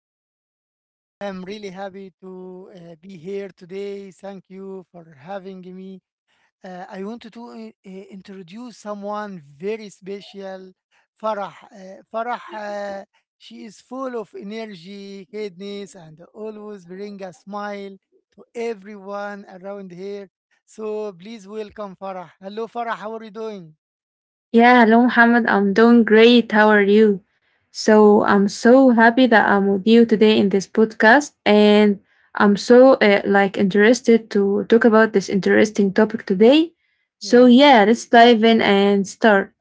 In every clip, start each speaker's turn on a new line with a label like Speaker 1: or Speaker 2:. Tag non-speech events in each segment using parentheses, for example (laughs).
Speaker 1: episode, I'm really happy to be here today. Thank you for having me. I wanted to introduce someone very special, Farah. Farah, she is full of energy, kindness, and always bring a smile to everyone around here. So please welcome Farah. Hello, Farah. How are you doing?
Speaker 2: Yeah, hello, Muhammad. I'm doing great. How are you? So, I'm so happy that I'm with you today in this podcast, and I'm so like interested to talk about this interesting topic today. So,
Speaker 1: Yes.
Speaker 2: yeah, let's dive in and start.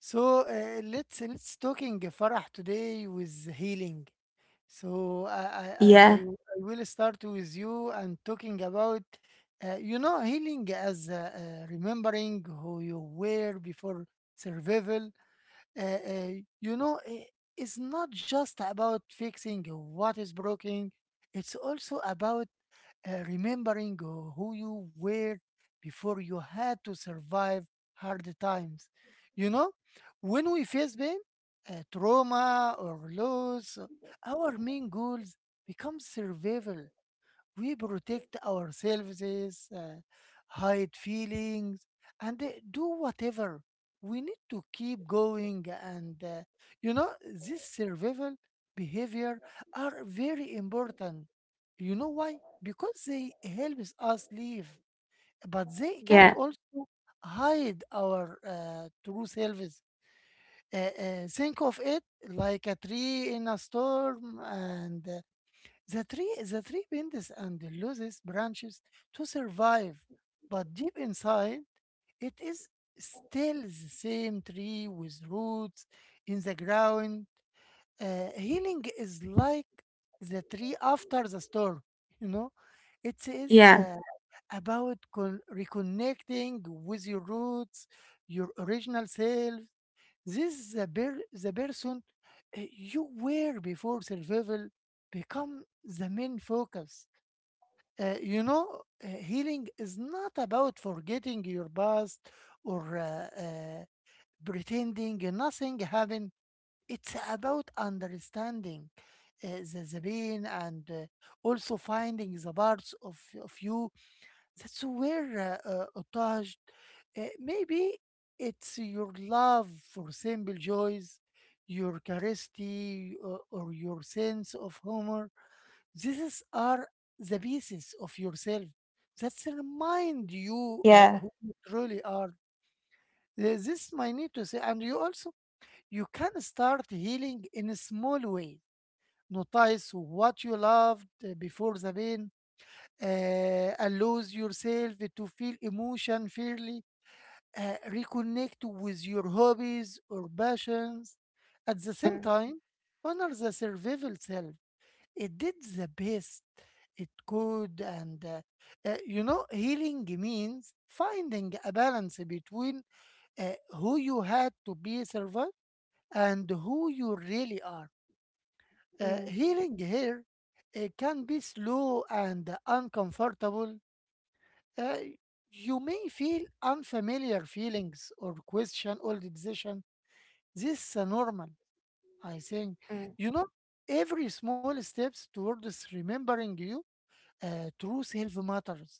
Speaker 1: So let's talking Farah today with healing. So
Speaker 2: Yeah,
Speaker 1: I will start with you and talking about healing as remembering who you were before survival. Uh, uh, you know i- it's not just about fixing what is broken. It's also about remembering who you were before you had to survive hard times. You know, when we face pain, trauma, or loss, our main goals become survival, we protect ourselves, uh, hide feelings, and do whatever. We need to keep going, and you know, this survival behavior are very important. You know why? Because they helps us live, but they can
Speaker 2: yeah,
Speaker 1: also hide our true selves. Think of it like a tree in a storm, and the tree bends and loses branches to survive, but deep inside, it is still the same tree with roots in the ground. Healing is like the tree after the storm, you know. It is
Speaker 2: yeah,
Speaker 1: about reconnecting with your roots, your original self. This is the person uh, you were before survival become the main focus. You know, healing is not about forgetting your past or pretending nothing happened. It's about understanding uh, the pain and also finding the parts of you. That's where attached. Maybe it's your love for simple joys, your curiosity, or your sense of humor, these are the pieces of yourself that remind you
Speaker 2: yeah.
Speaker 1: who you truly are. This I need to say, and you also you can start healing in a small way. Notice what you loved before the pain. Allows yourself to feel emotion fairly. Reconnect with your hobbies or passions. At the same
Speaker 2: Mm,
Speaker 1: time, honor the survival self. It did the best it could, and you know, healing means finding a balance between who you had to be servant and who you really are.
Speaker 2: mm,
Speaker 1: Healing here can be slow and uncomfortable. Uh, you may feel unfamiliar feelings or question old the decision. This is normal, I think.
Speaker 2: mm,
Speaker 1: You know, every small steps towards remembering you truth health matters,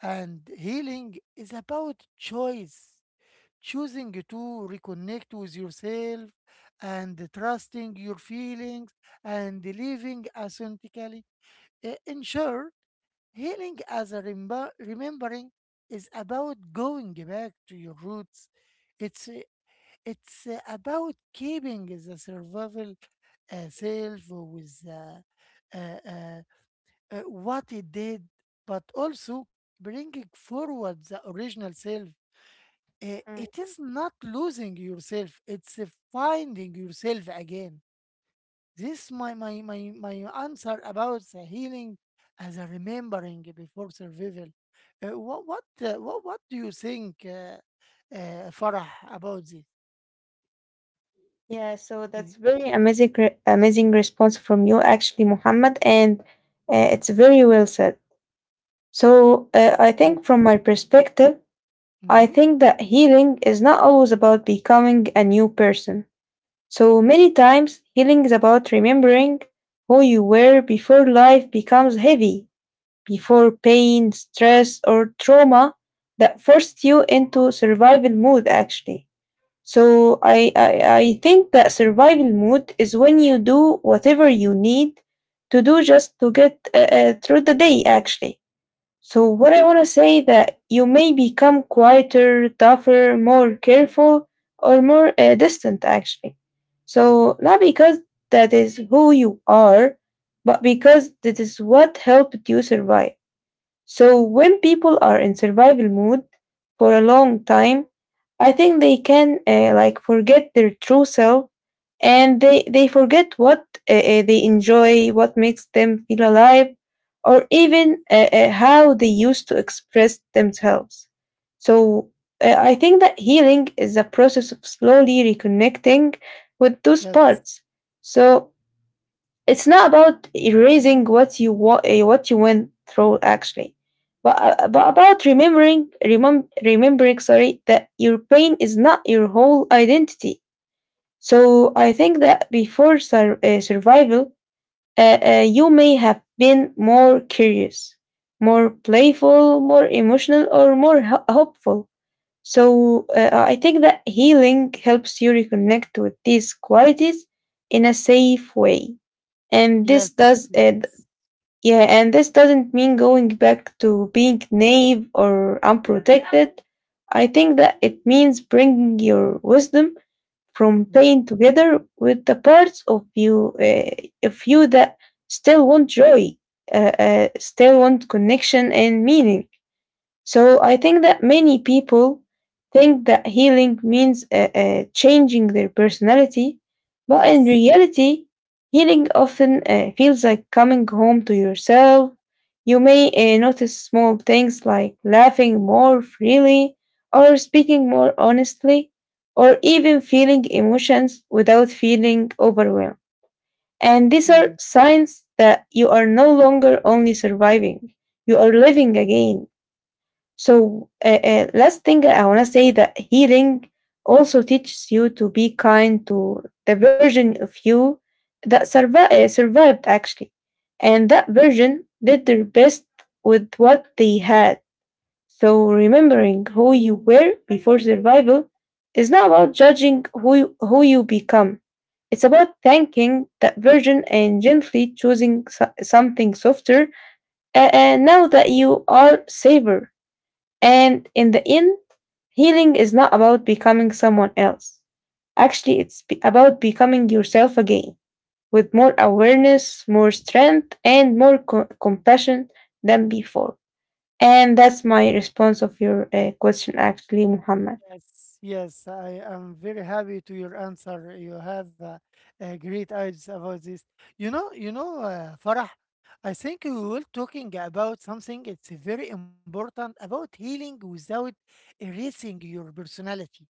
Speaker 1: and healing is about choice, choosing to reconnect with yourself and trusting your feelings and living authentically. In short, healing as a remembering is about going back to your roots. It's uh, it's uh, about keeping the survival self with uh, uh, uh, what it did, but also bringing forward the original self.
Speaker 2: mm.
Speaker 1: It is not losing yourself, it's finding yourself again. This my answer about the healing as a remembering before survival. What do you think, Farah, about this?
Speaker 2: Yeah, so
Speaker 1: Y-
Speaker 2: that's very amazing, amazing response from you, actually, Muhammad, and it's very well said. So, I
Speaker 1: Yes.
Speaker 2: think from my perspective. I
Speaker 1: Mm-hmm.
Speaker 2: think that healing is not always about becoming a new person. So many times, healing is about remembering who you were before life becomes heavy, before pain, stress, or trauma that forced you into survival mode, actually. So I think that survival mode is when you do whatever you need to do just to get through the day, actually. So what I want to say that you may become quieter, tougher, more careful, or more distant, actually. So not because that is who you are, but because that is what helped you survive. So when people are in survival mode for a long time, I think they can like forget their true self,
Speaker 1: Hmm.
Speaker 2: and they forget what they enjoy, what makes them feel alive, or
Speaker 1: Yes.
Speaker 2: even how they used to express themselves. So I think that healing is a process of slowly reconnecting with those
Speaker 1: Yes.
Speaker 2: parts. So it's not about erasing what what you went through, actually, but about remembering, remembering, sorry, that your pain is not your whole identity. So I
Speaker 1: Hmm.
Speaker 2: think that before survival, you may have been more curious, more playful, more emotional, or more hopeful. So I think that healing helps you reconnect with these qualities in a safe way. and this
Speaker 1: Yes.
Speaker 2: does it
Speaker 1: Yes.
Speaker 2: yeah and this doesn't mean going back to being naive or unprotected. I think that it means bringing your wisdom from pain
Speaker 1: Hmm.
Speaker 2: together with the parts of you, of you that still want joy, still want connection and meaning. So I think that many people think that healing means changing their personality, but in
Speaker 1: Yes.
Speaker 2: reality, healing often feels like coming home to yourself. You may notice small things like laughing more freely, or speaking more honestly, or even feeling emotions without feeling overwhelmed. And these are signs that you are no longer only surviving, you are living again. So, last thing I want to say that healing also teaches you to be kind to the version of you that survived, actually. And that version did their best with what they had. So, remembering who you were before survival is not about judging who you become. It's about thanking that version and gently choosing something softer now that you are safer, and in the end, healing is not about becoming someone else. Actually, it's about becoming yourself again with more awareness, more strength, and more compassion than before. And that's my response of your question, actually, Muhammad.
Speaker 1: Yes, yes, I am very happy to your answer. You have great ideas about this. You know, Farah, I think we were talking about something. It's very important about healing without erasing your personality.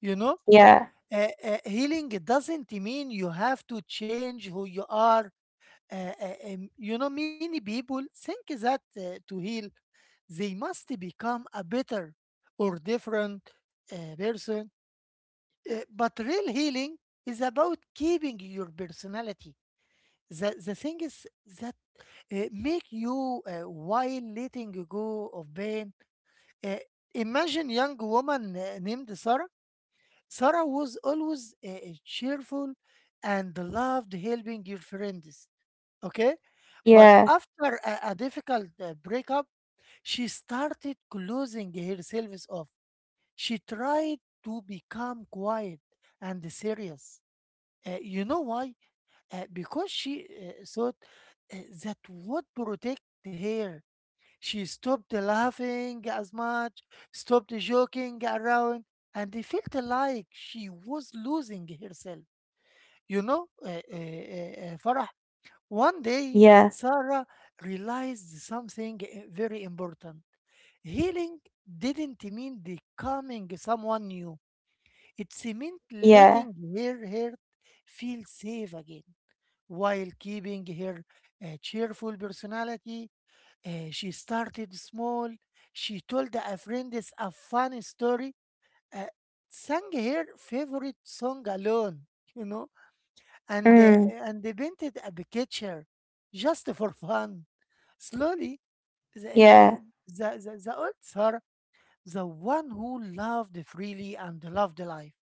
Speaker 1: You know,
Speaker 2: Yeah,
Speaker 1: healing doesn't mean you have to change who you are. You know, many people think that to heal, they must become a better or different person but real healing is about keeping your personality. The thing is that make you while letting go of pain. Uh, Imagine young woman named Sarah. Sarah was always cheerful and loved helping your friends. Okay, but
Speaker 2: yeah,
Speaker 1: after a difficult breakup, she started closing herself off. She tried to become quiet and serious. You know why? Because she thought uh, that would protect her. She stopped laughing as much, stopped joking around, and felt like she was losing herself. You know, Farah, one day
Speaker 2: yeah,
Speaker 1: Sarah realized something very important. Healing didn't mean becoming someone new, it meant
Speaker 2: yeah,
Speaker 1: letting her hurt feel safe again while keeping her cheerful personality. She started small. She told a friend a funny story, uh, sang her favorite song alone, you know, and
Speaker 2: mm,
Speaker 1: they painted a picture just for fun. Slowly, the,
Speaker 2: yeah,
Speaker 1: uh, the old Tsar, the one who loved freely and loved life,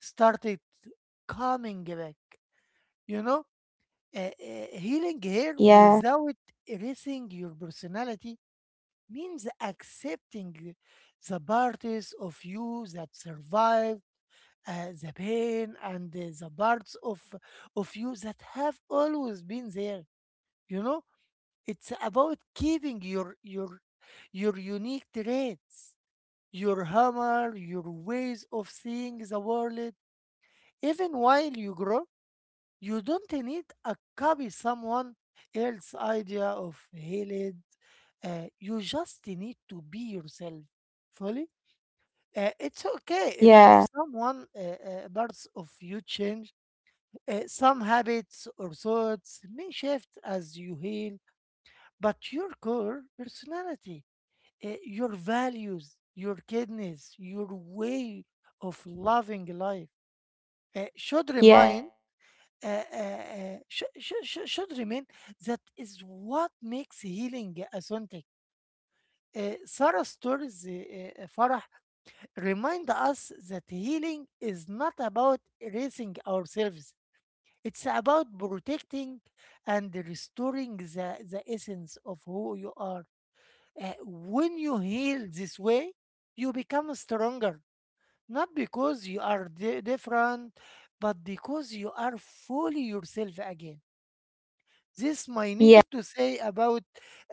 Speaker 1: started coming back. You know, healing hair
Speaker 2: yeah,
Speaker 1: without erasing your personality means accepting the parts of you that survive the pain and the parts of you that have always been there, you know. It's about keeping your unique traits, your humor, your ways of seeing the world, even while you grow. You don't need a copy someone else's idea of healed. You just need to be yourself fully. It's okay if
Speaker 2: yeah,
Speaker 1: someone parts of you change, some habits or thoughts may shift as you heal, but your core personality, your values, your kindness, your way of loving life should
Speaker 2: yeah,
Speaker 1: remain, should remain. That is what makes healing authentic. Sarah Stories, Farah, remind us that healing is not about erasing ourselves. It's about protecting and restoring the essence of who you are. When you heal this way, you become stronger, not because you are different, but because you are fully yourself again. This my need
Speaker 2: yeah,
Speaker 1: to say about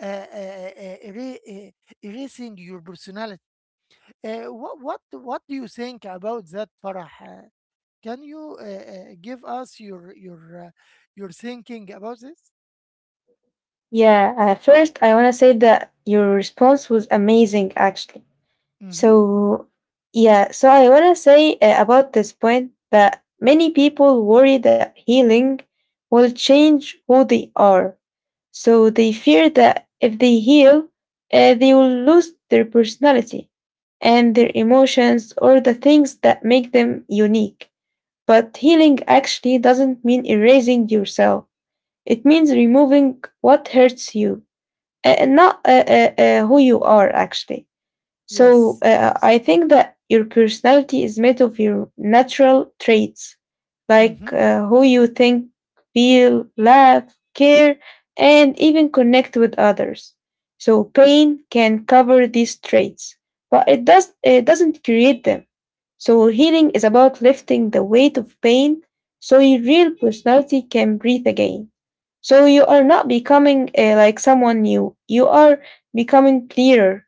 Speaker 1: uh, uh, uh, era- uh, erasing your personality. What what do you think about that, Farah? Can you give us your your thinking about this?
Speaker 2: yeah. First, I want to say that your response was amazing, actually.
Speaker 1: Mm-hmm.
Speaker 2: So, yeah, so I want to say about this point that many people worry that healing will change who they are. So they fear that if they heal, they will lose their personality and their emotions or the things that make them unique. But healing actually doesn't mean erasing yourself, it means removing what hurts you, and not who you are, actually. So
Speaker 1: Yes. Yes.
Speaker 2: I think that your personality is made of your natural traits,
Speaker 1: Mm-hmm.
Speaker 2: like who you think, feel, laugh, care, and even connect with others. So pain can cover these traits, but it doesn't create them. So healing is about lifting the weight of pain so your real personality can breathe again. So you are not becoming like someone new. You are becoming clearer.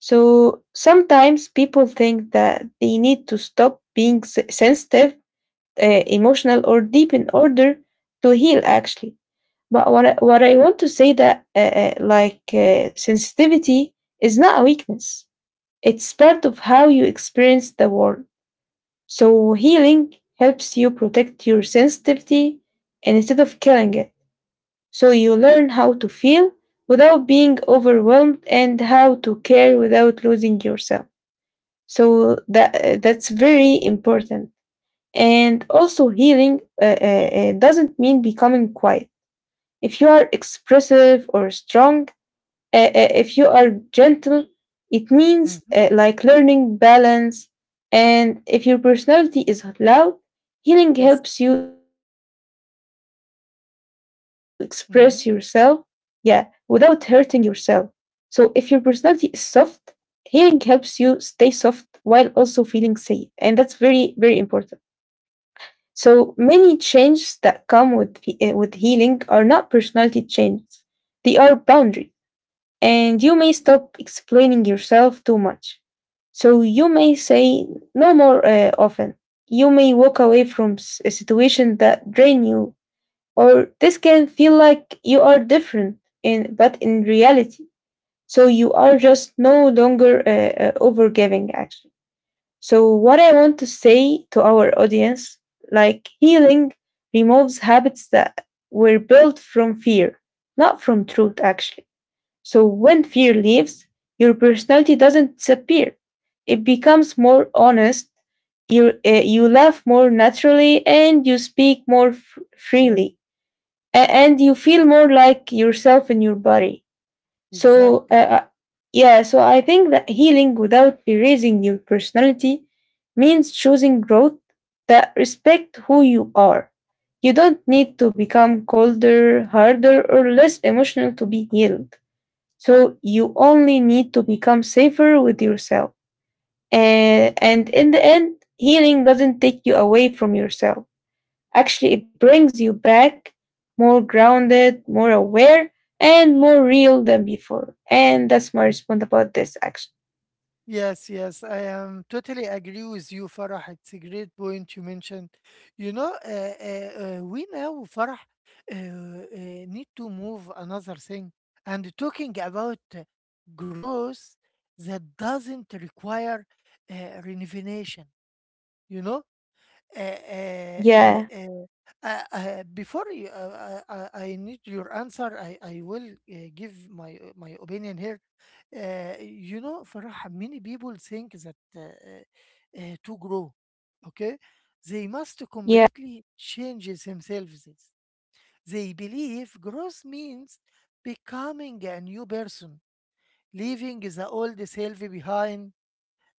Speaker 2: So sometimes people think that they need to stop being sensitive, emotional, or deep in order to heal, actually. But what I want to say that like sensitivity is not a weakness. It's part of how you experience the world. So healing helps you protect your sensitivity instead of killing it. So you learn how to feel without being overwhelmed and how to care without losing yourself. So that's very important. And also healing doesn't mean becoming quiet. If you are expressive or strong, if you are gentle, it means
Speaker 1: Mm-hmm.
Speaker 2: like learning balance. And if your personality is loud, healing
Speaker 1: Yes.
Speaker 2: helps you express yourself, yeah, without hurting
Speaker 1: Mm-hmm.
Speaker 2: yourself. So if your personality is soft, healing helps you stay soft while also feeling safe. And that's very, very important. So many changes that come with healing are not personality changes. They are boundaries. And you may stop explaining yourself too much. So you may say no more often. You may walk away from a situation that drain you, or this can feel like you are different in, but in reality so you are just no longer overgiving, actually. So, what I want to say to our audience, like healing removes habits that were built from fear, not from truth, actually. So, when fear leaves, your personality doesn't disappear, it becomes more honest. You laugh more naturally, and you speak more freely, and you feel more like yourself in your body, so,
Speaker 1: Exactly.
Speaker 2: yeah, so I think that healing without erasing your personality means choosing growth that respect who you are. You don't need to become colder, harder, or less emotional to be healed. So you only need to become safer with yourself. And in the end, healing doesn't take you away from yourself. Actually, it brings you back more grounded, more aware, and more real than before. And that's my response about this, actually.
Speaker 1: Yes, yes, I am totally agree with you, Farah. It's a great point you mentioned. You know, we now, Farah, uh, uh, need to move another thing and talking about growth that doesn't require renovation. You know, uh, uh, uh,
Speaker 2: Yeah,
Speaker 1: uh, before you, I need your answer. I will give my my opinion here. You know, Farah, many people think that to grow, okay, they must
Speaker 2: yeah,
Speaker 1: completely change themselves. They believe growth means becoming a new person, leaving the old self behind.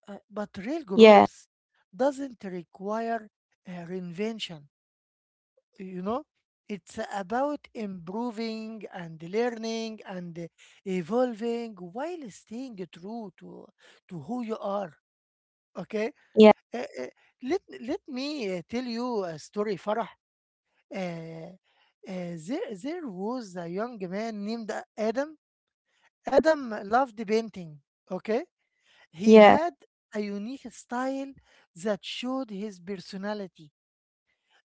Speaker 1: But real
Speaker 2: yeah,
Speaker 1: growth doesn't require a reinvention, you know. It's about improving and learning and evolving while staying true to who you are, okay.
Speaker 2: yeah,
Speaker 1: Uh, uh, let let me tell you a story, Farah. Uh, uh, there there was a young man named Adam. Adam loved painting, okay. He
Speaker 2: yeah,
Speaker 1: had a unique style that showed his personality,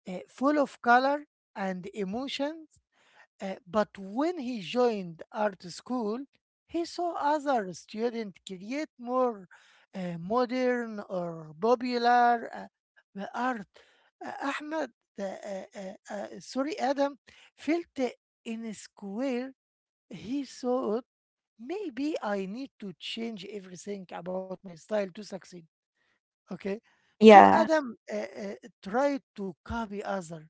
Speaker 1: full of color and emotions. But when he joined art school, he saw other students create more modern or popular art. Uh, Ahmed, Adam felt in a square. He thought, maybe I need to change everything about my style to succeed. Okay. So
Speaker 2: yeah,
Speaker 1: Adam tried to copy other.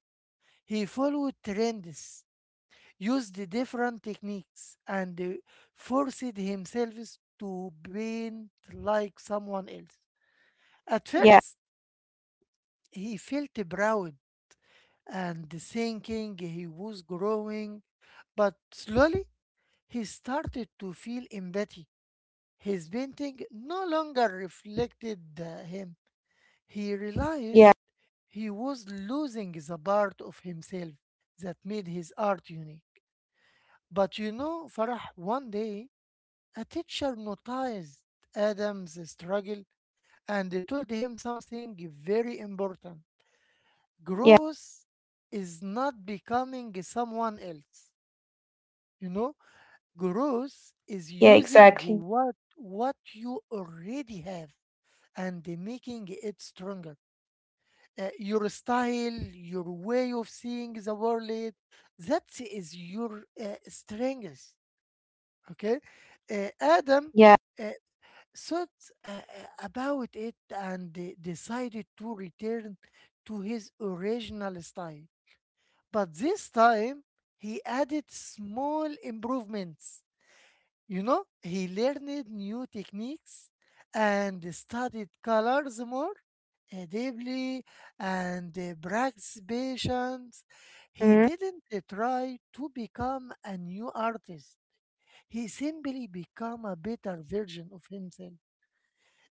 Speaker 1: He followed trends, used different techniques, and forced himself to paint like someone else. At
Speaker 2: yeah,
Speaker 1: first, he felt proud and thinking he was growing, but slowly he started to feel empathy. His painting no longer reflected him. He realized
Speaker 2: yeah,
Speaker 1: he was losing the part of himself that made his art unique. But you know, Farah, one day a teacher noticed Adam's struggle and told him something very important.
Speaker 2: yeah,
Speaker 1: Growth is not becoming someone else. You know, growth is
Speaker 2: yeah,
Speaker 1: using
Speaker 2: exactly.
Speaker 1: what you already have and making it stronger. Your style, your way of seeing the world, that is your strength. Okay. Adam
Speaker 2: Yeah,
Speaker 1: uh, thought uh, uh, about it and decided to return to his original style. But this time, he added small improvements. You know, he learned new techniques and studied colors more deeply and practiced patience. He
Speaker 2: mm,
Speaker 1: didn't try to become a new artist. He simply became a better version of himself.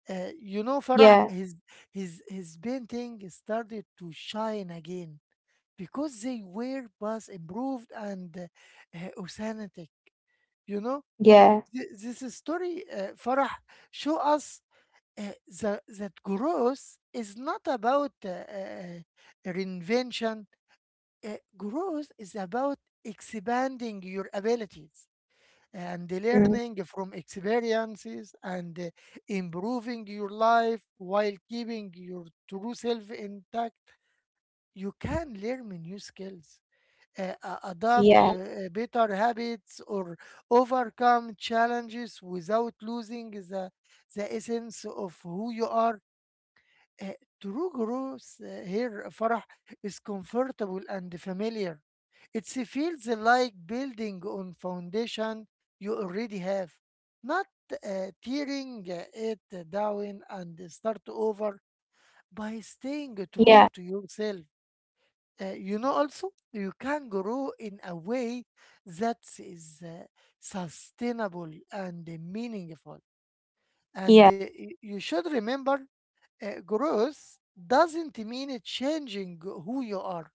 Speaker 1: You know, Farah,
Speaker 2: yeah,
Speaker 1: his painting started to shine again because they were both improved and authentic. You know,
Speaker 2: yeah,
Speaker 1: This story, Farah, show us that growth is not about reinvention. Growth is about expanding your abilities and
Speaker 2: mm,
Speaker 1: learning from experiences and improving your life while keeping your true self intact. You can learn new skills,
Speaker 2: yeah,
Speaker 1: adopt better habits, or overcome challenges without losing the essence of who you are. Uh, True growth here Farah is comfortable and familiar. It feels like building on foundation you already have, not tearing it down and start over by staying
Speaker 2: yeah,
Speaker 1: true to yourself. Also you can grow in a way that is sustainable and meaningful. And
Speaker 2: yeah,
Speaker 1: you should remember growth doesn't mean changing who you are.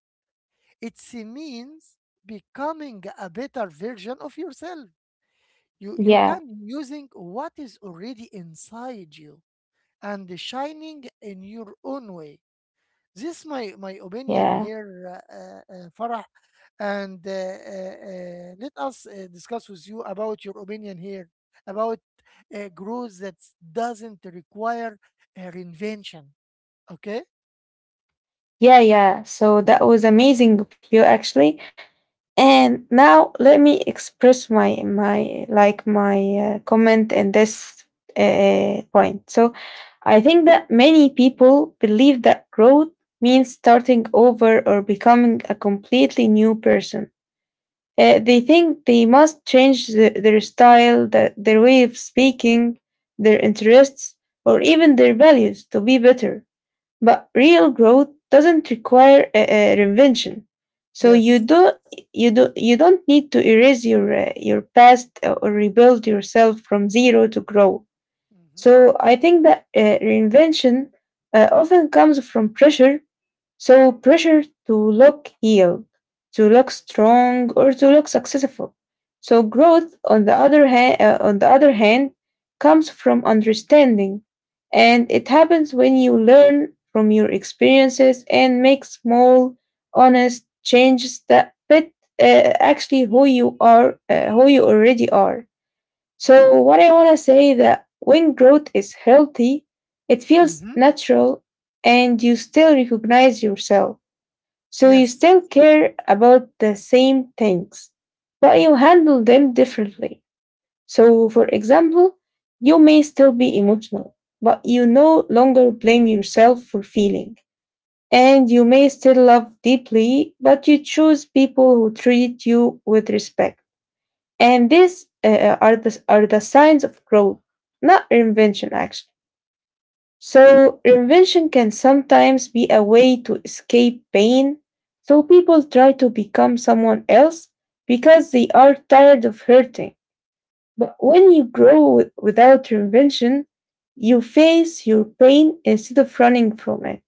Speaker 1: It means becoming a better version of yourself. You
Speaker 2: yeah,
Speaker 1: can using what is already inside you and shining in your own way. This my opinion
Speaker 2: yeah,
Speaker 1: here, Farah, and let us discuss with you about your opinion here about growth that doesn't require a reinvention. Okay.
Speaker 2: yeah, yeah. So that was amazing of you, actually. And now let me express my like my comment in this point. So I think that many people believe that growth means starting over or becoming a completely new person. They think they must change their style, their way of speaking, their interests, or even their values to be better. But real growth doesn't require a reinvention. So you
Speaker 1: Yes. Yes.
Speaker 2: do you do you don't need to erase your past or rebuild yourself from zero to grow.
Speaker 1: Mm-hmm.
Speaker 2: So I think that reinvention often comes from pressure, so pressure to look healed, to look strong, or to look successful. So growth, on the other hand, comes from understanding, and it happens when you learn from your experiences and make small, honest changes that fit uh, actually who you already are. So
Speaker 1: Yes.
Speaker 2: what I want to say that when growth is healthy, it feels
Speaker 1: Mm-hmm.
Speaker 2: natural and you still recognize yourself. So you
Speaker 1: Yes.
Speaker 2: still care about the same things, but you handle them differently. So for example, you may still be emotional, but you no longer blame yourself for feeling. And you may still love deeply, but you choose people who treat you with respect. And are the signs of growth, not reinvention, actually. So, reinvention can sometimes be a way to escape pain. So, people try to become someone else because they are tired of hurting. But when you without reinvention, you face your pain instead of running from it.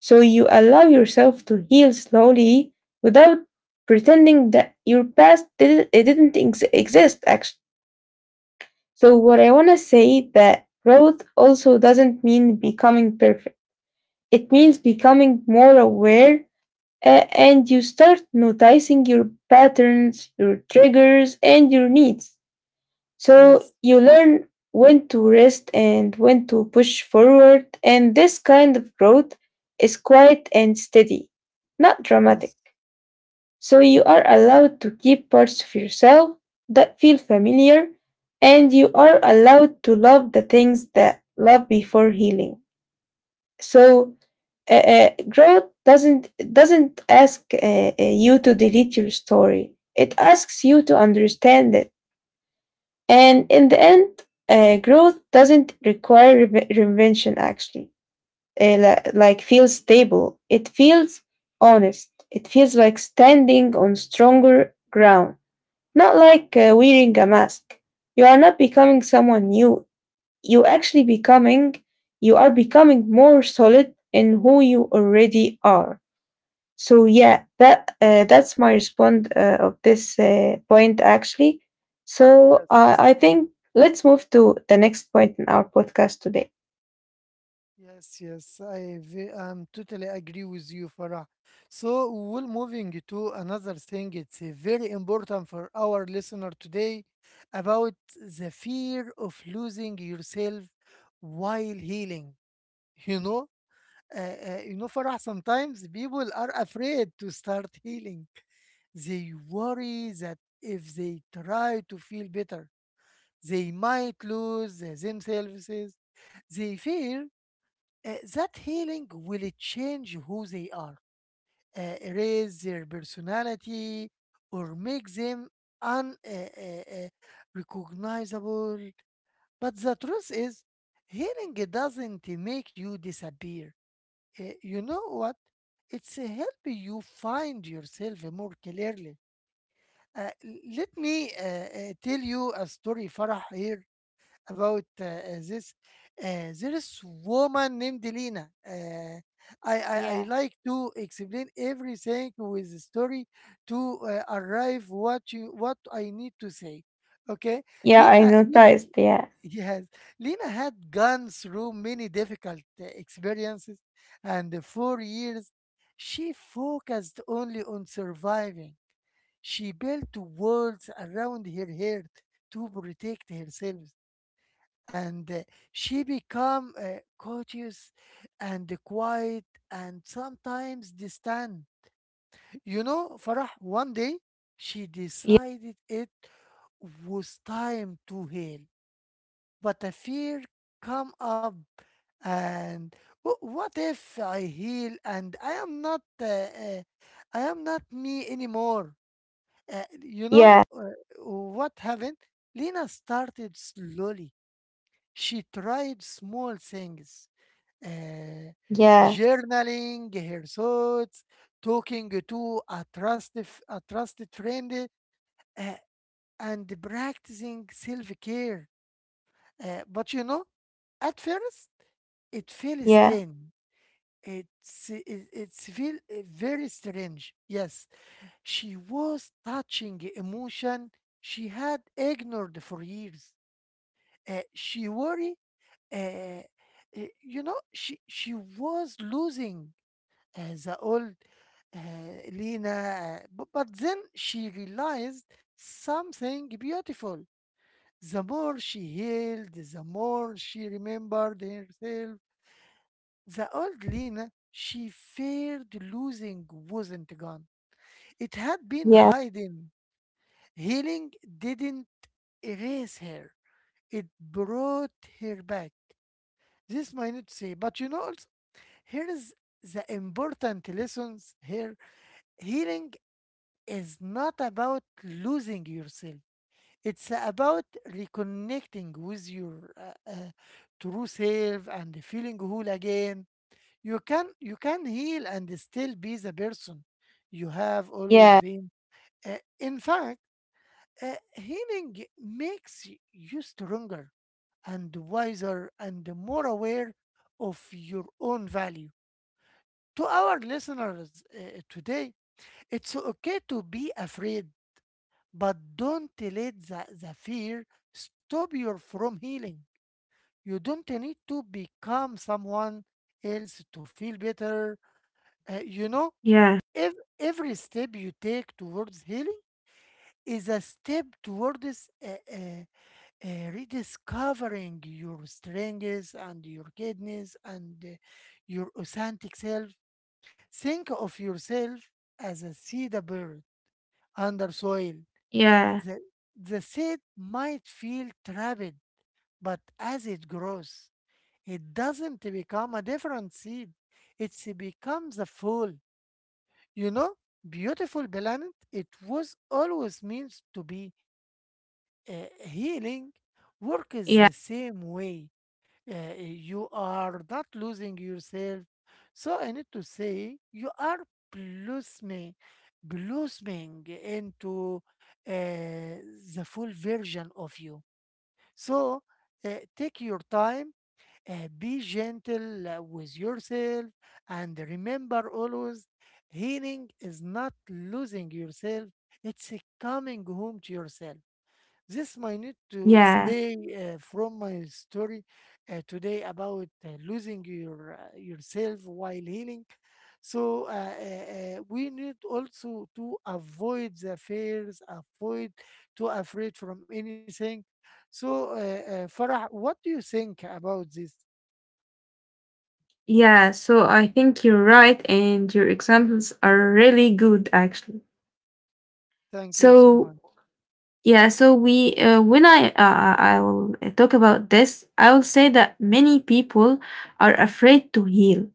Speaker 2: So, you allow yourself to heal slowly without pretending that your past didn't, it didn't exist, actually. So what I want to say that growth also doesn't mean becoming perfect. It means becoming more aware, and you start noticing your patterns, your triggers, and your needs. So
Speaker 1: Yes.
Speaker 2: you learn when to rest and when to push forward, and this kind of growth is quiet and steady, not dramatic.
Speaker 1: Yes.
Speaker 2: So you are allowed to keep parts of yourself that feel familiar, and you are allowed to love the things that love before healing. So growth doesn't ask you to delete your story. It asks you to understand it, and in the end, growth doesn't require reinvention. Actually, like feels stable. It feels honest. It feels like standing on stronger ground. Not like wearing a mask. You are not becoming someone new. You actually becoming, you are becoming more solid in who you already are. So yeah, that's my response of this point, actually. I
Speaker 1: Yes.
Speaker 2: think let's move to the next point in our podcast today.
Speaker 1: Yes. Yes. I'm totally agree with you, Farah. So we're moving to another thing. It's very important for our listener today about the fear of losing yourself while healing. You know. Farah, sometimes people are afraid to start healing. They worry that if they try to feel better, they might lose themselves. They fear that healing will change who they are, erase their personality, or make them unrecognizable. But the truth is, healing doesn't make you disappear. Eh, you know what? It's help you find yourself more clearly. Let me tell you a story, Farah, here about this. There is woman named Lina. I
Speaker 2: Yeah.
Speaker 1: like to explain everything with the story to arrive what you what I need to say. Okay,
Speaker 2: Yeah, I
Speaker 1: Lina.
Speaker 2: noticed. Yeah,
Speaker 1: Yes, Lena had gone through many difficult experiences, and for years she focused only on surviving. She built walls around her heart to protect herself, and she became cautious, and quiet and sometimes distant. You know, Farah, one day she
Speaker 2: yeah,
Speaker 1: decided it was time to heal, but a fear come up. And what if I heal and I am not me anymore? Uh, you know
Speaker 2: yeah,
Speaker 1: uh, what happened? Lena started slowly. She tried small things, uh,
Speaker 2: yeah,
Speaker 1: journaling her thoughts, talking to a trusted friend, uh, and practicing self care. But you know, at first it feels
Speaker 2: yeah,
Speaker 1: thin. It's it, it's feel very strange. Yes, she was touching emotion she had ignored for years. She worry. Uh, you know, she was losing the old uh, Lena. But then she realized something beautiful. The more she healed, the more she remembered herself. The old Lena she feared losing wasn't gone. It had been
Speaker 2: yeah.
Speaker 1: hiding. Healing didn't erase her, it brought her back. This might not say, but you know, also, here is the important lessons here. Healing is not about losing yourself, it's about reconnecting with your true self and feeling whole again. You can heal and still be the person you have always
Speaker 2: Yeah.
Speaker 1: been. Uh, in fact, uh, healing makes you stronger and wiser and more aware of your own value. To our listeners today, it's okay to be afraid, but don't let the fear stop you from healing. You don't need to become someone else to feel better. Uh, you know
Speaker 2: Yeah.
Speaker 1: every step you take towards healing is a step towards rediscovering your strengths and your goodness and your authentic self. Think of yourself as a seed bird under soil.
Speaker 2: Yeah.
Speaker 1: The, the seed might feel trapped, but as it grows, it doesn't become a different seed. It becomes a full, you know, beautiful planet, it was always means to be, uh, healing. Work is
Speaker 2: Yeah.
Speaker 1: the same way. You are not losing yourself. So I need to say you are blossoming, blossoming into uh, the full version of you. So uh, take your time, be gentle with yourself and remember always healing is not losing yourself, it's a coming home to yourself. This I need to
Speaker 2: Yeah.
Speaker 1: say from my story today about losing your yourself while healing. So we need also to avoid the fears, avoid to afraid from anything. So Farah, what do you think about this?
Speaker 2: Yeah, so I think you're right, and your examples are really good, actually.
Speaker 1: Thank you so
Speaker 2: So
Speaker 1: much.
Speaker 2: yeah, so we when I will talk about this. I will say that many people are afraid to heal,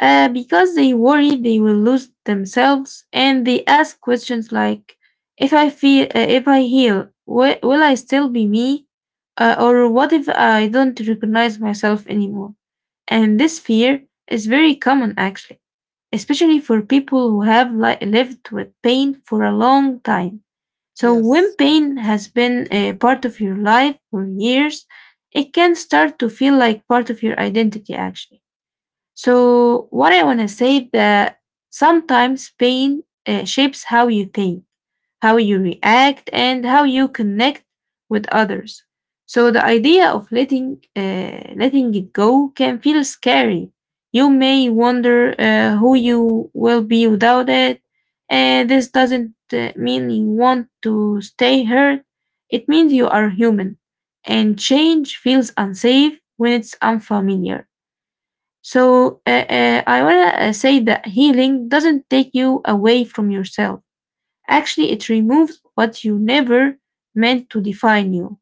Speaker 2: because they worry they will lose themselves, and they ask questions like, if I heal, will I still be me, or what if I don't recognize myself anymore? And this fear is very common, actually, especially for people who have lived with pain for a long time. So when
Speaker 1: Yes, yes,
Speaker 2: pain has been a part of your life for years, it can start to feel like part of your identity, actually. So what I want to say that sometimes pain shapes how you think, how you react, and how you connect with others. So the idea of letting it go can feel scary. You may wonder who you will be without it, and this doesn't mean you want to stay hurt. It means you are human, and change feels unsafe when it's unfamiliar. So I wanna say that healing doesn't take you away from yourself. Actually, it removes what you never meant to define you.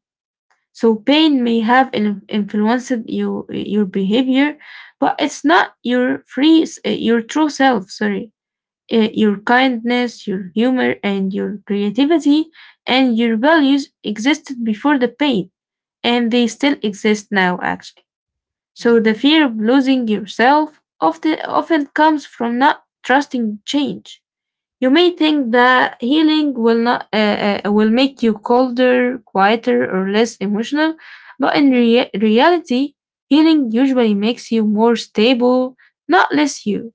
Speaker 2: So pain may have influenced you, your behavior, but it's not your your true self. Sorry. Your kindness, your humor, and your creativity and your
Speaker 1: yes,
Speaker 2: values existed before the pain, and they still
Speaker 1: exactly.
Speaker 2: exist now. Actually, so the
Speaker 1: Mm-hmm,
Speaker 2: fear of losing yourself often comes from not trusting change. You may think that healing will not will make you colder, quieter, or less emotional, but in
Speaker 1: mm-hmm.
Speaker 2: reality, healing usually makes you more stable, not less you.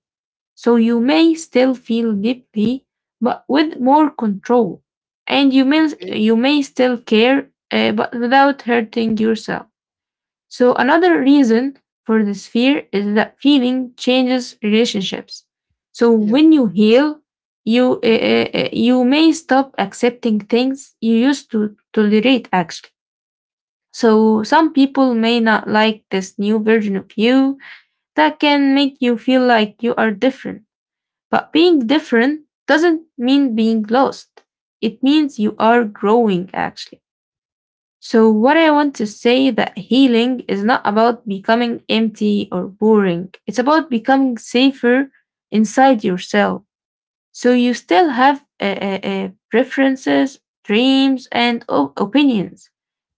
Speaker 2: So you may still feel deeply, but with more control, and you may
Speaker 1: Okay,
Speaker 2: you may still care, but without hurting yourself. So another reason for this fear is that feeling changes relationships. So
Speaker 1: yes.
Speaker 2: when you heal,
Speaker 1: Mm-hmm.
Speaker 2: you may stop accepting things you used to tolerate, actually. So some people may not like this new version of you that can make you feel like you are different. But being different doesn't mean being lost, it means you are growing, actually. So what I want to say that healing is not about becoming empty or boring. It's about becoming safer inside yourself. So you still have preferences, dreams, and opinions,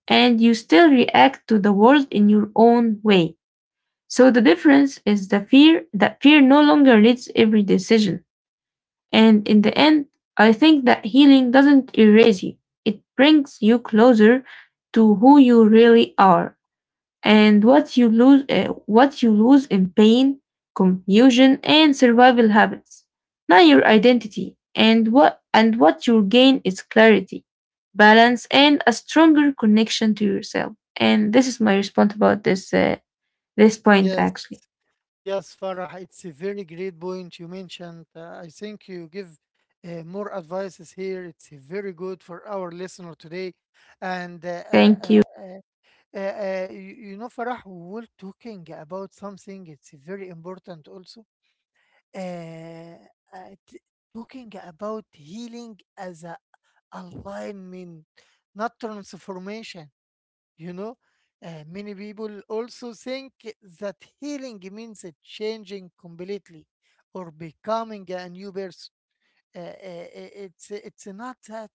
Speaker 2: and you still react to the world in your own way. So the difference is the fear that fear no longer leads every decision. And in the end, I think that healing doesn't erase you, it brings you closer to who you really are. And what you lose in pain, confusion, and survival habits, not your identity. And what you gain is clarity, balance, and a stronger connection to yourself. And this is my response about this point
Speaker 1: Yes,
Speaker 2: actually.
Speaker 1: yes, Farah, it's a very great point you mentioned. I think you give more advices here. It's very good for our listener today. And
Speaker 2: Thank you.
Speaker 1: you know, Farah, we were talking about something, it's very important also. Uh, uh, t- Talking about healing as a alignment, not transformation. You know. Many people also think that healing means a changing completely or becoming a new person. Uh, it's not that.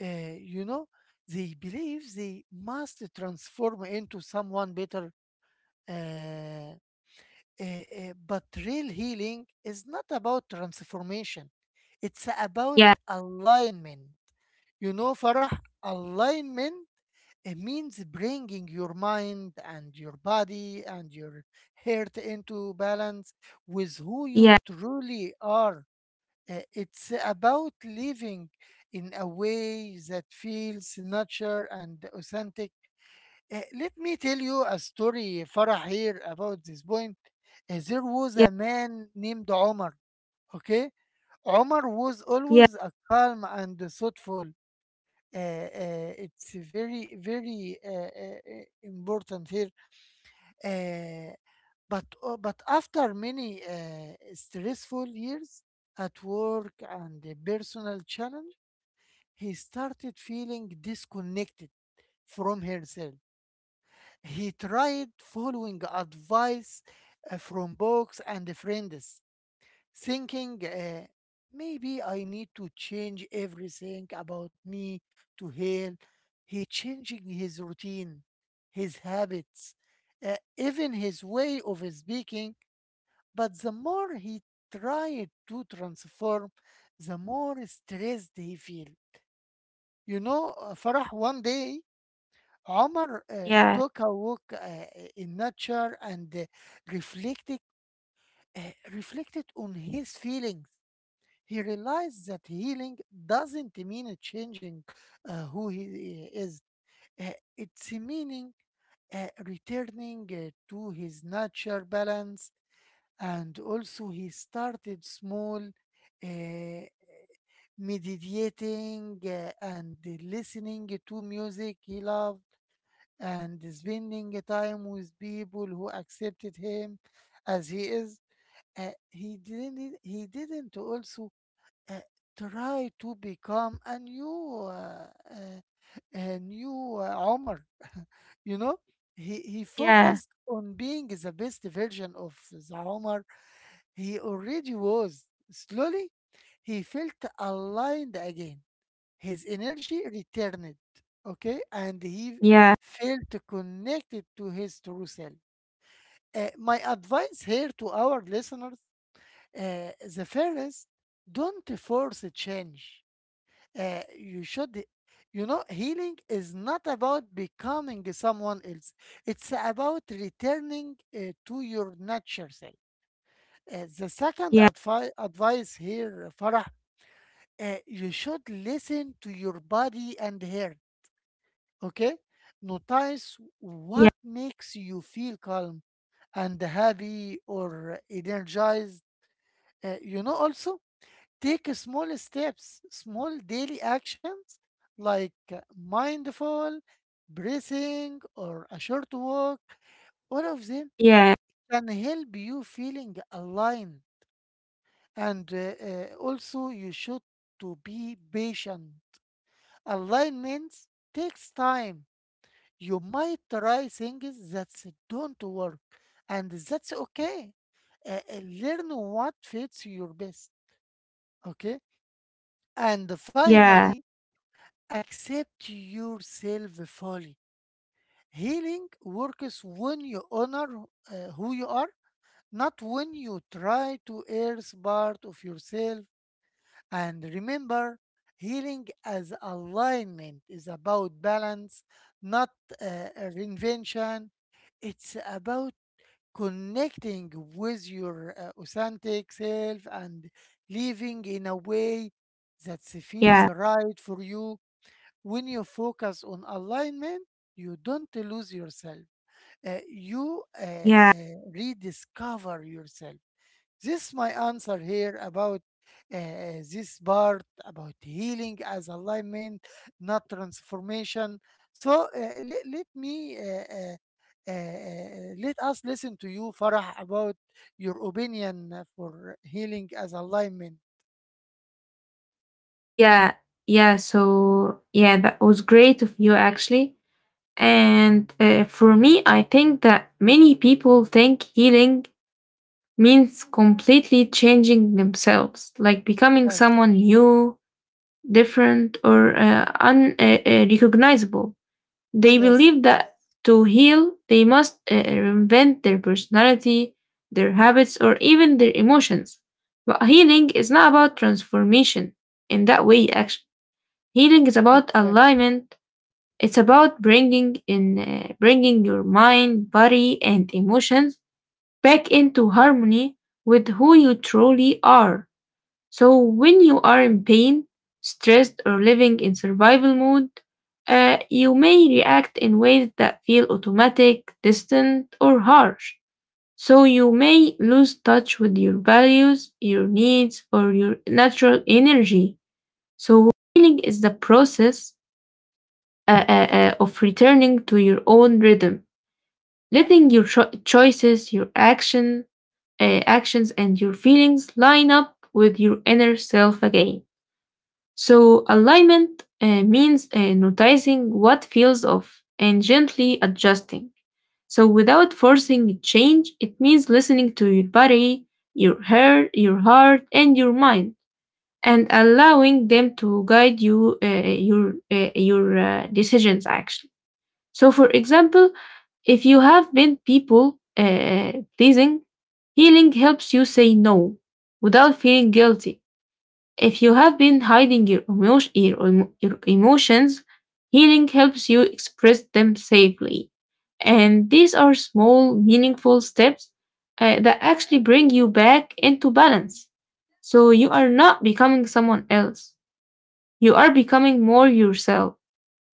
Speaker 1: You know, they believe they must transform into someone better. Uh, but real healing is not about transformation. It's about
Speaker 2: Yeah,
Speaker 1: alignment. You know, Farah, alignment it means bringing your mind and your body and your heart into balance with who you
Speaker 2: yeah,
Speaker 1: truly are. It's about living in a way that feels natural and authentic. Let me tell you a story, Farah, here about this point. There was
Speaker 2: yeah,
Speaker 1: a man named Omar, okay? Omar was
Speaker 2: yeah,
Speaker 1: always a calm and thoughtful, it's very important here. uh, but after many stressful years at work and a personal challenge he started feeling disconnected from himself. He tried following advice from books and friends, thinking maybe I need to change everything about me to Hale. He changing his routine, his habits, even his way of speaking. But the more he tried to transform, the more stressed he feel. You know, Farah, one day, Omar
Speaker 2: yeah,
Speaker 1: took a walk in nature and reflected, uh, reflected on his feelings. He realized that healing doesn't mean changing who he is. Uh, it's meaning returning to his natural balance. And also, he started small, uh, meditating and listening to music he loved and spending time with people who accepted him as he is. He didn't also uh, try to become a new uh, Omar. (laughs) You know, he
Speaker 2: yeah,
Speaker 1: focused on being the best version of the Omar he already was. Slowly, he felt aligned again. His energy returned, okay, and he felt connected to his true self. My advice here to our listeners, uh, the first, don't force a change. uh, you should you know healing is not about becoming someone else, it's about returning to your natural self. The second
Speaker 2: yeah.
Speaker 1: advice here, Farah, you should listen to your body and heart, okay, notice
Speaker 2: Yeah,
Speaker 1: what makes you feel calm and happy or energized. Also take small steps, small daily actions like mindful breathing, or a short walk. All of them
Speaker 2: yeah,
Speaker 1: can help you feeling aligned. And also, you should to be patient. Alignment takes time. You might try things that don't work, and that's okay. Learn what fits your best. Okay. And
Speaker 2: yeah,
Speaker 1: finally, accept yourself fully. Healing works when you honor who you are, not when you try to erase part of yourself. And remember, healing as alignment is about balance, not reinvention. It's about connecting with your authentic self and living in a way that
Speaker 2: yeah,
Speaker 1: feels right for you. When you focus on alignment, you don't lose yourself. Uh, you uh,
Speaker 2: yeah,
Speaker 1: uh, rediscover yourself. This is my answer here about this part about healing as alignment, not transformation. So let me let us listen to you, Farah, about your opinion for healing as alignment.
Speaker 2: yeah, yeah. So yeah, that was great of you actually. And for me, I think that many people think healing means completely changing themselves, like becoming
Speaker 1: Yes,
Speaker 2: someone new, different, or unrecognizable. Recognizable. They
Speaker 1: yes,
Speaker 2: believe
Speaker 1: yes,
Speaker 2: that to heal, they must reinvent their personality, their habits, or even their emotions. But healing is not about transformation in that way, actually. Healing is about
Speaker 1: exactly.
Speaker 2: alignment. It's about bringing your mind, body, and emotions back into harmony with who you truly are. So when you are in pain, stressed, or living in survival mode, you may react in ways that feel automatic, distant, or harsh. So you may lose touch with your values, your needs, or your natural energy. So healing is the process uh, uh, of returning to your own rhythm, letting your choices, actions, and your feelings line up with your inner self again. So alignment means noticing what feels off and gently adjusting. So without forcing change, it means listening to your body, your hair, your heart, and your mind, and allowing them to guide your decisions actually. So for example, if you have been people pleasing, healing helps you say no without feeling guilty. If you have been hiding your emotions, healing helps you express them safely. And these are small, meaningful steps that actually bring you back into balance. So you are not becoming someone else. You are becoming more yourself.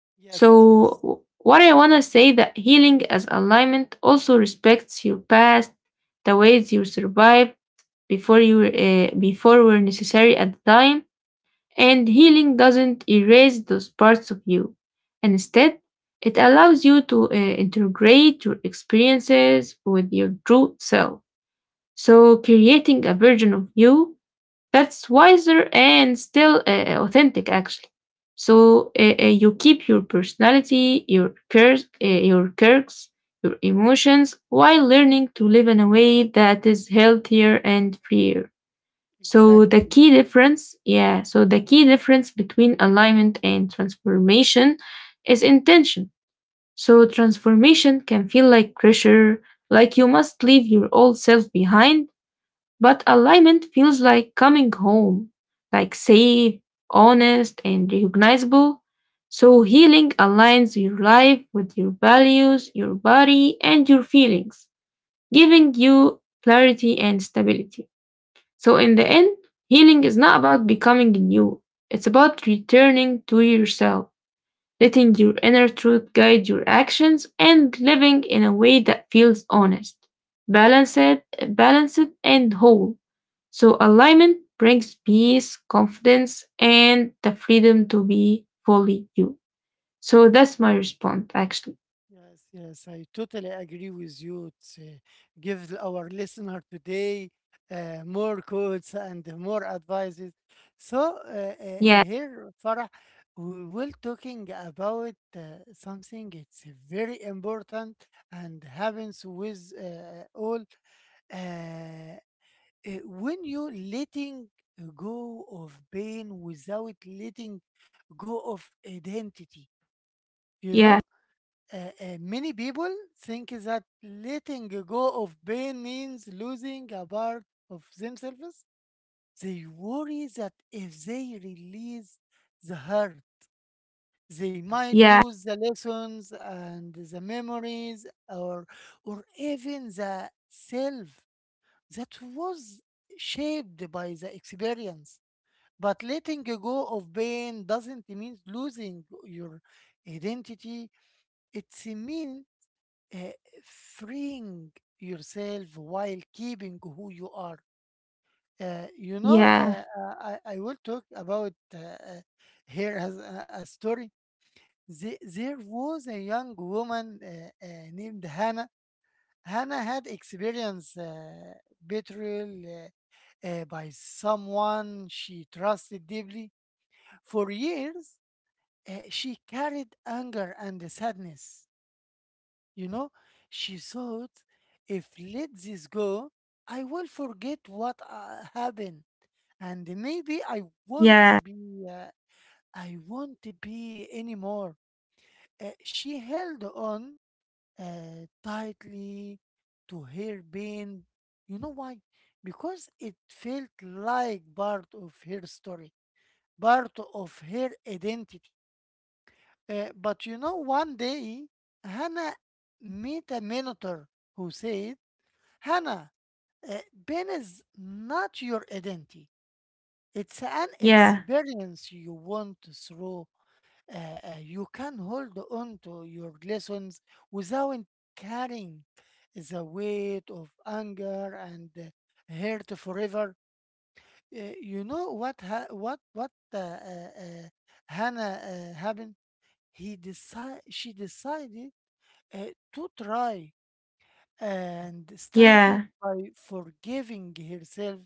Speaker 1: Yes, yes.
Speaker 2: So what I want to say that healing as alignment also respects your past, the ways you survived before were necessary at the time, and healing doesn't erase those parts of you. And instead, it allows you to integrate your experiences with your true self. So creating a version of you that's wiser and still authentic, actually. So, you keep your personality, your quirks, your emotions, while learning to live in a way that is healthier and freer. So the
Speaker 1: Exactly.
Speaker 2: key difference, yeah, so the key difference between alignment and transformation is intention. So transformation can feel like pressure, like you must leave your old self behind, but alignment feels like coming home, like safe, honest, and recognizable. So healing aligns your life with your values, your body, and your feelings, giving you clarity and stability. So in the end, healing is not about becoming new, it's about returning to yourself, letting your inner truth guide your actions, and living in a way that feels honest, balanced, balanced and whole. So alignment brings peace, confidence, and the freedom to be fully you. So that's my response, actually.
Speaker 1: Yes, yes, I totally agree with you. It's give our listener today more quotes and more advices. So
Speaker 2: Yeah,
Speaker 1: here, Farah, we will talking about something. It's very important and happens with all. uh, when you letting go of pain without letting go of identity, you
Speaker 2: yeah,
Speaker 1: know many people think that letting go of pain means losing a part of themselves. They worry that if they release the hurt, they might
Speaker 2: yeah,
Speaker 1: lose the lessons and the memories, or even the self that was shaped by the experience. But letting go of pain doesn't mean losing your identity. It means uh, freeing yourself while keeping who you are.
Speaker 2: yeah,
Speaker 1: I will talk about here as a story. There was a young woman named Hannah. Hannah had experienced betrayal by someone she trusted deeply. For years, she carried anger and sadness. You know, she thought, if let this go, I will forget what happened, and maybe
Speaker 2: yeah,
Speaker 1: I won't be anymore. She held on tightly to her pain. You know why? Because it felt like part of her story, part of her identity. But you know, one day, Hannah met a mentor who said Hannah, uh, pain is not your identity. It's an
Speaker 2: yeah,
Speaker 1: experience you want through. Uh, you can hold on to your lessons without carrying the weight of anger and hurt forever. You know what ha- what Hannah happened? He decide She decided uh, to try and started
Speaker 2: yeah,
Speaker 1: by forgiving herself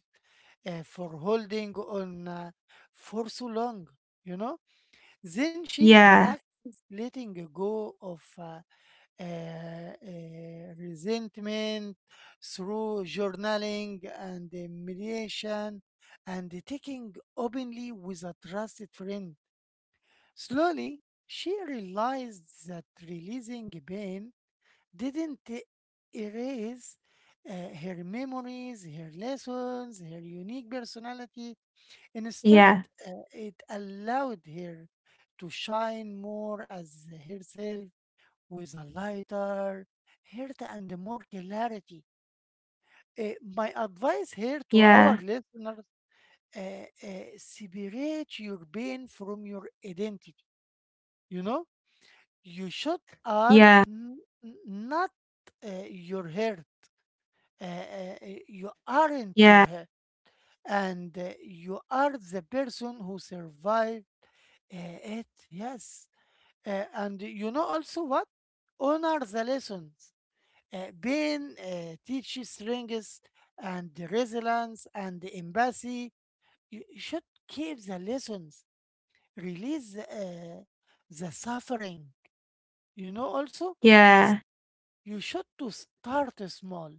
Speaker 1: for holding on for so long, you know. Then she
Speaker 2: yeah,
Speaker 1: practiced letting go of resentment through journaling and meditation and taking openly with a trusted friend. Slowly, she realized that releasing pain didn't e- erase her memories, her lessons, her unique personality. Instead,
Speaker 2: yeah,
Speaker 1: it allowed her to shine more as herself with a lighter heart and more clarity. Uh, my advice here to
Speaker 2: yeah,
Speaker 1: our listeners uh, uh, separate your pain from your identity. You know, you should are
Speaker 2: yeah.
Speaker 1: n- not your hurt. You aren't
Speaker 2: Yeah,
Speaker 1: your head, and you are the person who survived it. Yes. And you know also what? Honor the lessons. Pain teaches strength and resilience and empathy. You should keep the lessons, release the suffering. You know also
Speaker 2: yeah,
Speaker 1: you should to start small.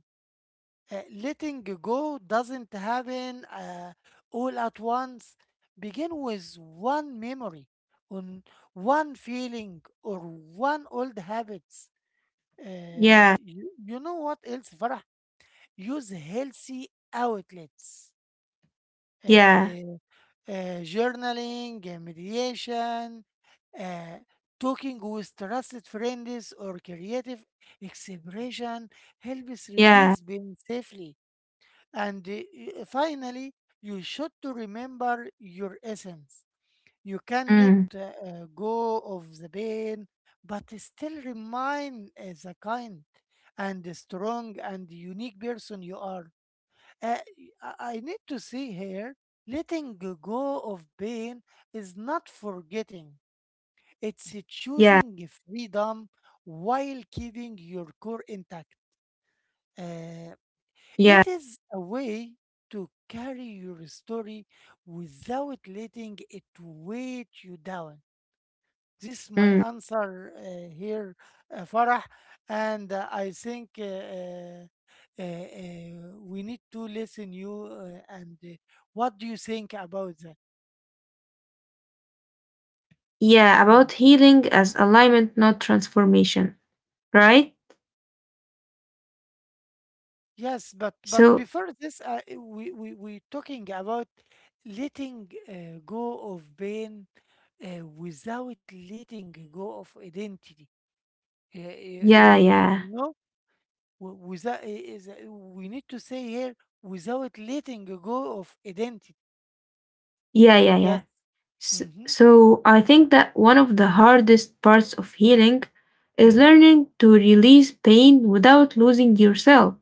Speaker 1: Letting go doesn't happen all at once. Begin with one memory, on one feeling, or one old habits.
Speaker 2: yeah,
Speaker 1: You know what else, Farah? Use healthy outlets. Uh,
Speaker 2: yeah,
Speaker 1: uh, Journaling, meditation, uh, talking with trusted friends, or creative expression helps release
Speaker 2: yeah,
Speaker 1: pain safely, and finally, you should to remember your essence. You can let
Speaker 2: mm,
Speaker 1: go of the pain, but still remain as a kind and a strong and unique person you are. Uh, I need to say here, letting go of pain is not forgetting. It's
Speaker 2: yeah,
Speaker 1: choosing freedom while keeping your core intact. Uh,
Speaker 2: yeah,
Speaker 1: it is a way to carry your story without letting it weight you down. This is
Speaker 2: mm,
Speaker 1: my answer here, Farah, and I think we need to listen you. And what do you think about that?
Speaker 2: yeah, about
Speaker 1: Mm-hmm.
Speaker 2: healing as alignment, not transformation, right?
Speaker 1: Yes, but
Speaker 2: So,
Speaker 1: before this, we talking about letting go of pain without letting go of identity.
Speaker 2: yeah,
Speaker 1: You
Speaker 2: yeah,
Speaker 1: know, without is, we need to say here without letting go of identity.
Speaker 2: yeah, yeah, yeah.
Speaker 1: Yes.
Speaker 2: So,
Speaker 1: Mm-hmm.
Speaker 2: so, I think that one of the hardest parts of healing is
Speaker 1: Mm-hmm.
Speaker 2: learning to release pain without losing yourself.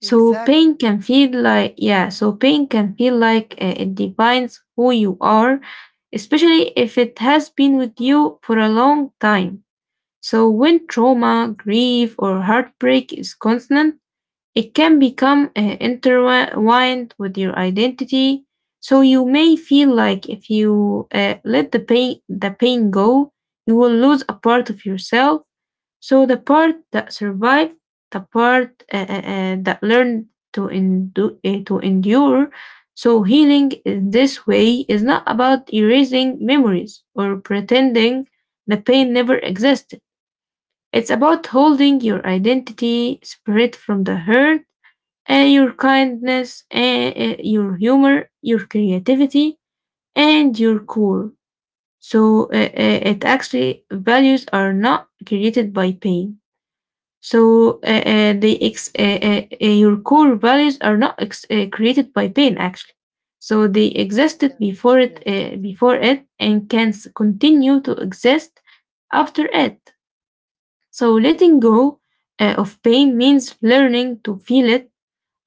Speaker 2: So pain
Speaker 1: Exactly.
Speaker 2: can feel like yeah, so pain can feel like it defines who you are, especially if it has been with you for a long time. So when trauma, grief, or heartbreak is constant, it can become intertwined with your identity. So you may feel like if you let the pain go, you will lose a part of yourself, so the part that survived, the part that learned to to endure. So healing in this way is not about erasing memories or pretending the pain never existed. It's about holding your identity separate from the hurt, and your kindness, and your humor, your creativity, and your cool. So it actually values are not created by pain. So your core values are not created by pain actually. So they existed
Speaker 1: Yes.
Speaker 2: before it,
Speaker 1: Yes.
Speaker 2: and can continue to exist after it. So letting go of pain means learning to feel it,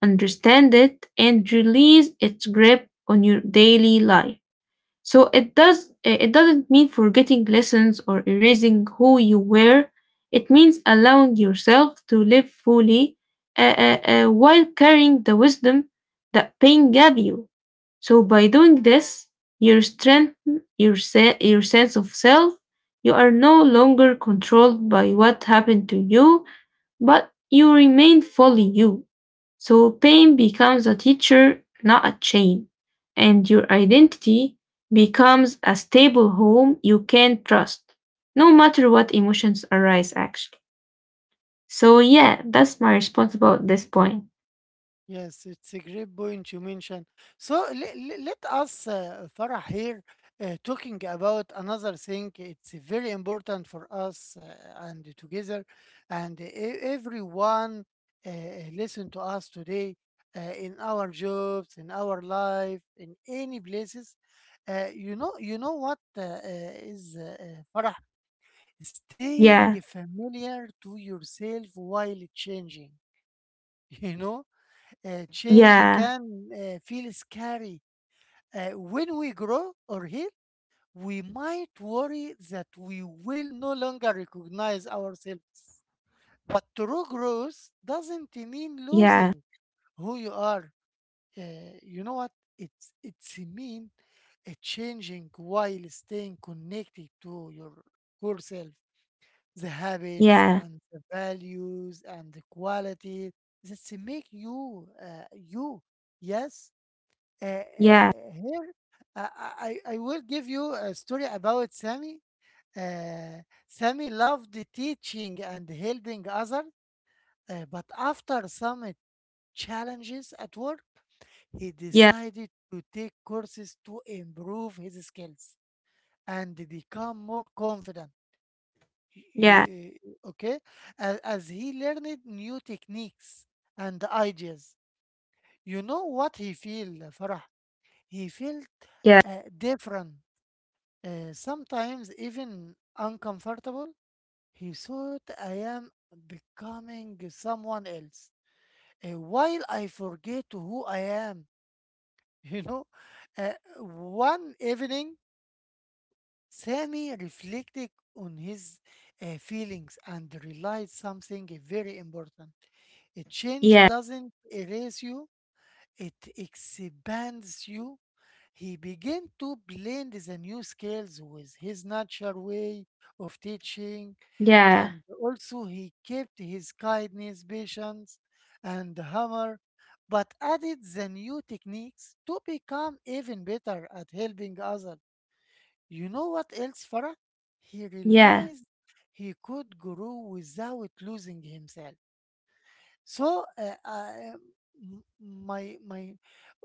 Speaker 2: understand it, and release its grip on your daily life. So it doesn't mean forgetting lessons or erasing who you were. It means allowing yourself to live fully uh, while carrying the wisdom that pain gave you. So by doing this, you strengthen your sense of self. You are no longer controlled by what happened to you, but you remain fully you. So pain becomes a teacher, not a chain. And your identity becomes a stable home you can trust, no matter what emotions arise, actually. So yeah, that's my response about this point.
Speaker 1: Yes, it's a great point you mentioned. So let us, Farah, here talking about another thing. It's very important for us and together, and everyone uh, listen to us today in our jobs, in our life, in any places. You know what is Farah? Staying
Speaker 2: Yeah,
Speaker 1: familiar to yourself while changing. (laughs) You know change
Speaker 2: yeah,
Speaker 1: can feel scary. When we grow or heal, we might worry that we will no longer recognize ourselves. But true growth doesn't mean
Speaker 2: yeah,
Speaker 1: losing who you are. Uh, you know what? It's mean changing while staying connected to your core self, the habits
Speaker 2: yeah,
Speaker 1: and the values and the quality that make you you. Yes,
Speaker 2: yeah,
Speaker 1: here uh, I, I will give you a story about Sammy. Uh, Sammy loved teaching and helping others, but after some challenges at work, he
Speaker 2: yeah,
Speaker 1: decided to take courses to improve his skills and become more confident.
Speaker 2: yeah,
Speaker 1: you- okay, as he learned new techniques and ideas, you know what he feel, Farah? He felt
Speaker 2: yeah,
Speaker 1: different. Sometimes even uncomfortable, he thought I am becoming someone else while I forget who I am. (laughs) You know, Uh, one evening, Sammy reflected on his feelings and realized something very important. A change
Speaker 2: yeah,
Speaker 1: doesn't erase you, it expands you. He began to blend the new skills with his natural way of teaching,
Speaker 2: yeah, yeah, yeah,
Speaker 1: and also he kept his kindness, patience, and humor, but added the new techniques to become even better at helping others. You know what else, Farah? He
Speaker 2: yeah,
Speaker 1: realized he could grow without losing himself. So, m- my my,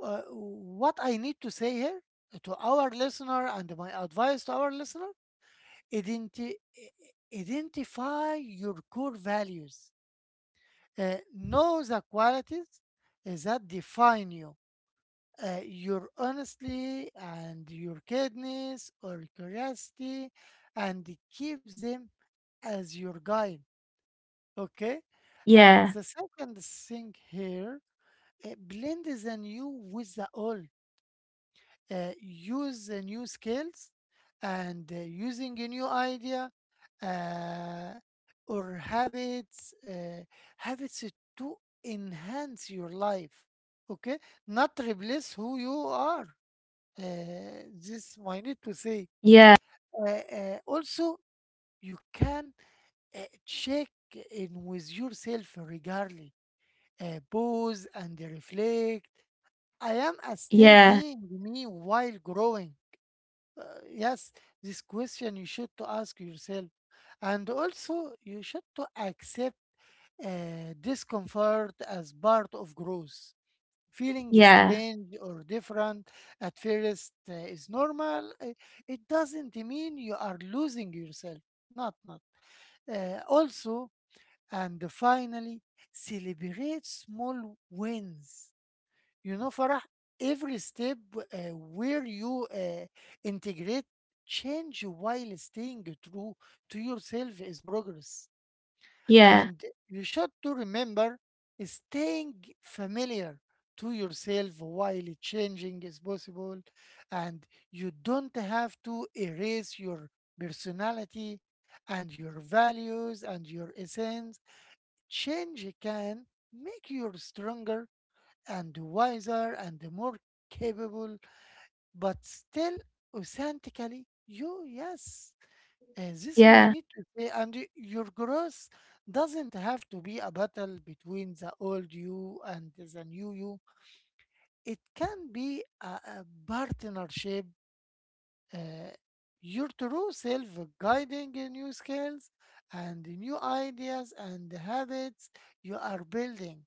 Speaker 1: what I need to say here to our listener and my advice to our listener, identi- identify your core values. Know the qualities that define you. Your honesty and your kindness or curiosity, and keep them as your guide. Okay? And the second thing here, blend the new with the old. Use the new skills and using a new idea uh, or habits to enhance your life, okay, not replace who you are. Uh, this i need to say. uh, Also, you can uh, check in with yourself regarding pause and reflect. I am a still
Speaker 2: yeah,
Speaker 1: being me while growing. uh, yes, this question you should to ask yourself, and also you should to accept discomfort as part of growth.
Speaker 2: yeah,
Speaker 1: Feeling
Speaker 2: yeah,
Speaker 1: strange or different at first is normal. It doesn't mean you are losing yourself. Not, not. Also, and finally, celebrate small wins. You know, Farah, every step where you integrate change while staying true to yourself is progress. And you should to remember staying familiar to yourself while changing is possible. And you don't have to erase your personality and your values and your essence. Change can make you stronger and wiser and more capable, but still authentically you. Yes, this
Speaker 2: yeah,
Speaker 1: might need to say, and your growth doesn't have to be a battle between the old you and the new you. It can be a partnership. Uh, your true self guiding in new skills and new ideas and habits you are building.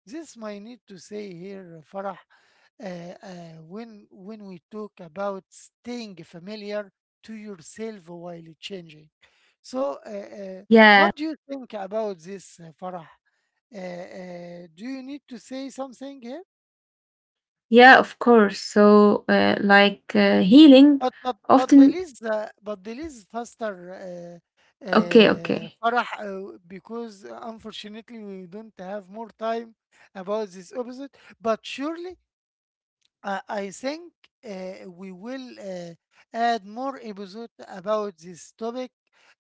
Speaker 1: This might need to say here, Farah, when we talk about staying familiar to yourself while changing. So,
Speaker 2: yeah.
Speaker 1: what do you think about this, Farah? Do you need to say something here?
Speaker 2: Yeah, of course. So, healing often.
Speaker 1: But please faster,
Speaker 2: Okay, okay,
Speaker 1: Farah, because unfortunately we don't have more time about this episode. But surely I think we will add more episode about this topic,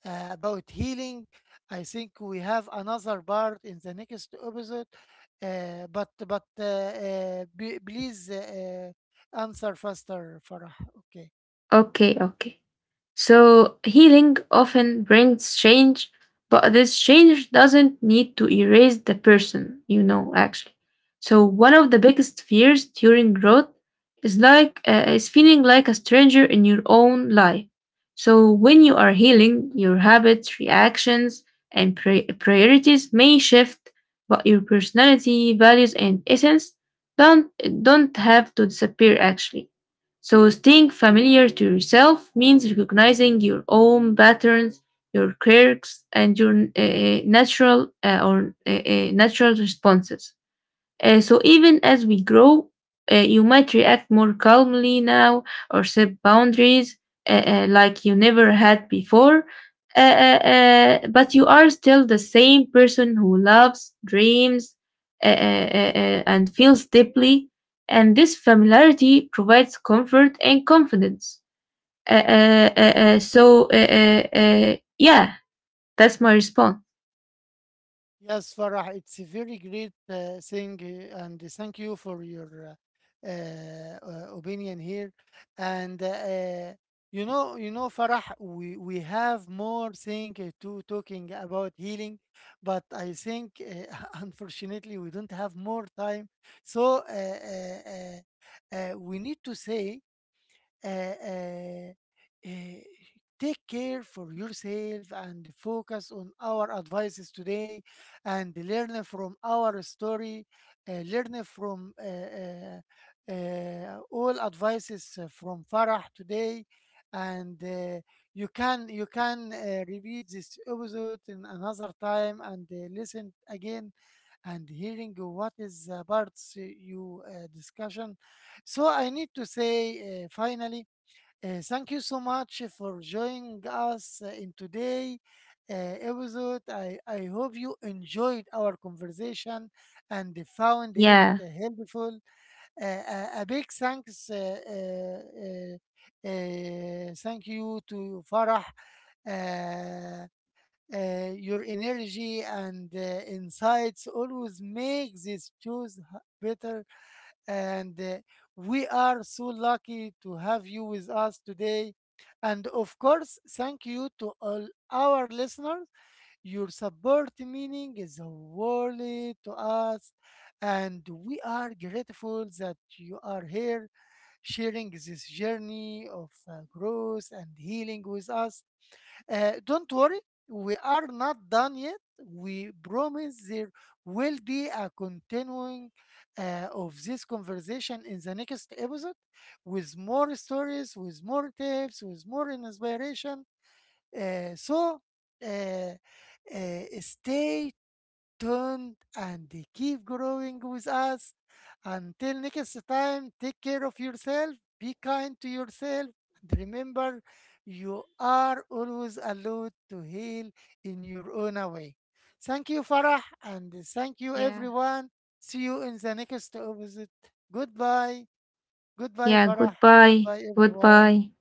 Speaker 1: about healing. I think we have another part in the next episode. Please answer faster, Farah. Okay.
Speaker 2: okay, okay. So healing often brings change, but this change doesn't need to erase the person, you know, actually. So one of the biggest fears during growth is is feeling like a stranger in your own life. So when you are healing, your habits, reactions, and priorities may shift, but your personality, values, and essence don't don't have to disappear actually. So staying familiar to yourself means recognizing your own patterns, your quirks, and your natural responses. So even as we grow, you might react more calmly now or set boundaries like you never had before. Uh, uh, but you are still the same person who loves, dreams, and feels deeply. And this familiarity provides comfort and confidence. Uh, uh, uh, uh, so, uh, yeah, that's my response.
Speaker 1: Yes, Farah, it's a very great thing, and thank you for your opinion here. And uh, you know, Farah, we have more thing to talking about healing, but I think (laughs) unfortunately we don't have more time. So we need to say uh, uh, uh, take care for yourself and focus on our advices today and learn from our story, learn from all advices from Farah today. And you can repeat this episode in another time and listen again and hearing what is the parts you discussion. So I need to say finally thank you so much for joining us in today episode. I hope you enjoyed our conversation and found it
Speaker 2: Yeah,
Speaker 1: helpful. A big thanks, thank you to Farah. Uh, your energy and insights always make this shows better. And we are so lucky to have you with us today. And of course, thank you to all our listeners. Your support meaning is a world to us. And we are grateful that you are here sharing this journey of growth and healing with us. Don't worry, we are not done yet. We promise there will be a continuing of this conversation in the next episode with more stories, with more tips, with more inspiration. So uh, stay tuned, and they keep growing with us. Until next time, take care of yourself, be kind to yourself, and remember you are always allowed to heal in your own way. Thank you, Farah, and thank you,
Speaker 2: yeah,
Speaker 1: everyone. See you in the next episode. Goodbye. Goodbye,
Speaker 2: yeah.
Speaker 1: Farah.
Speaker 2: Goodbye.
Speaker 1: Goodbye, everyone.
Speaker 2: Goodbye.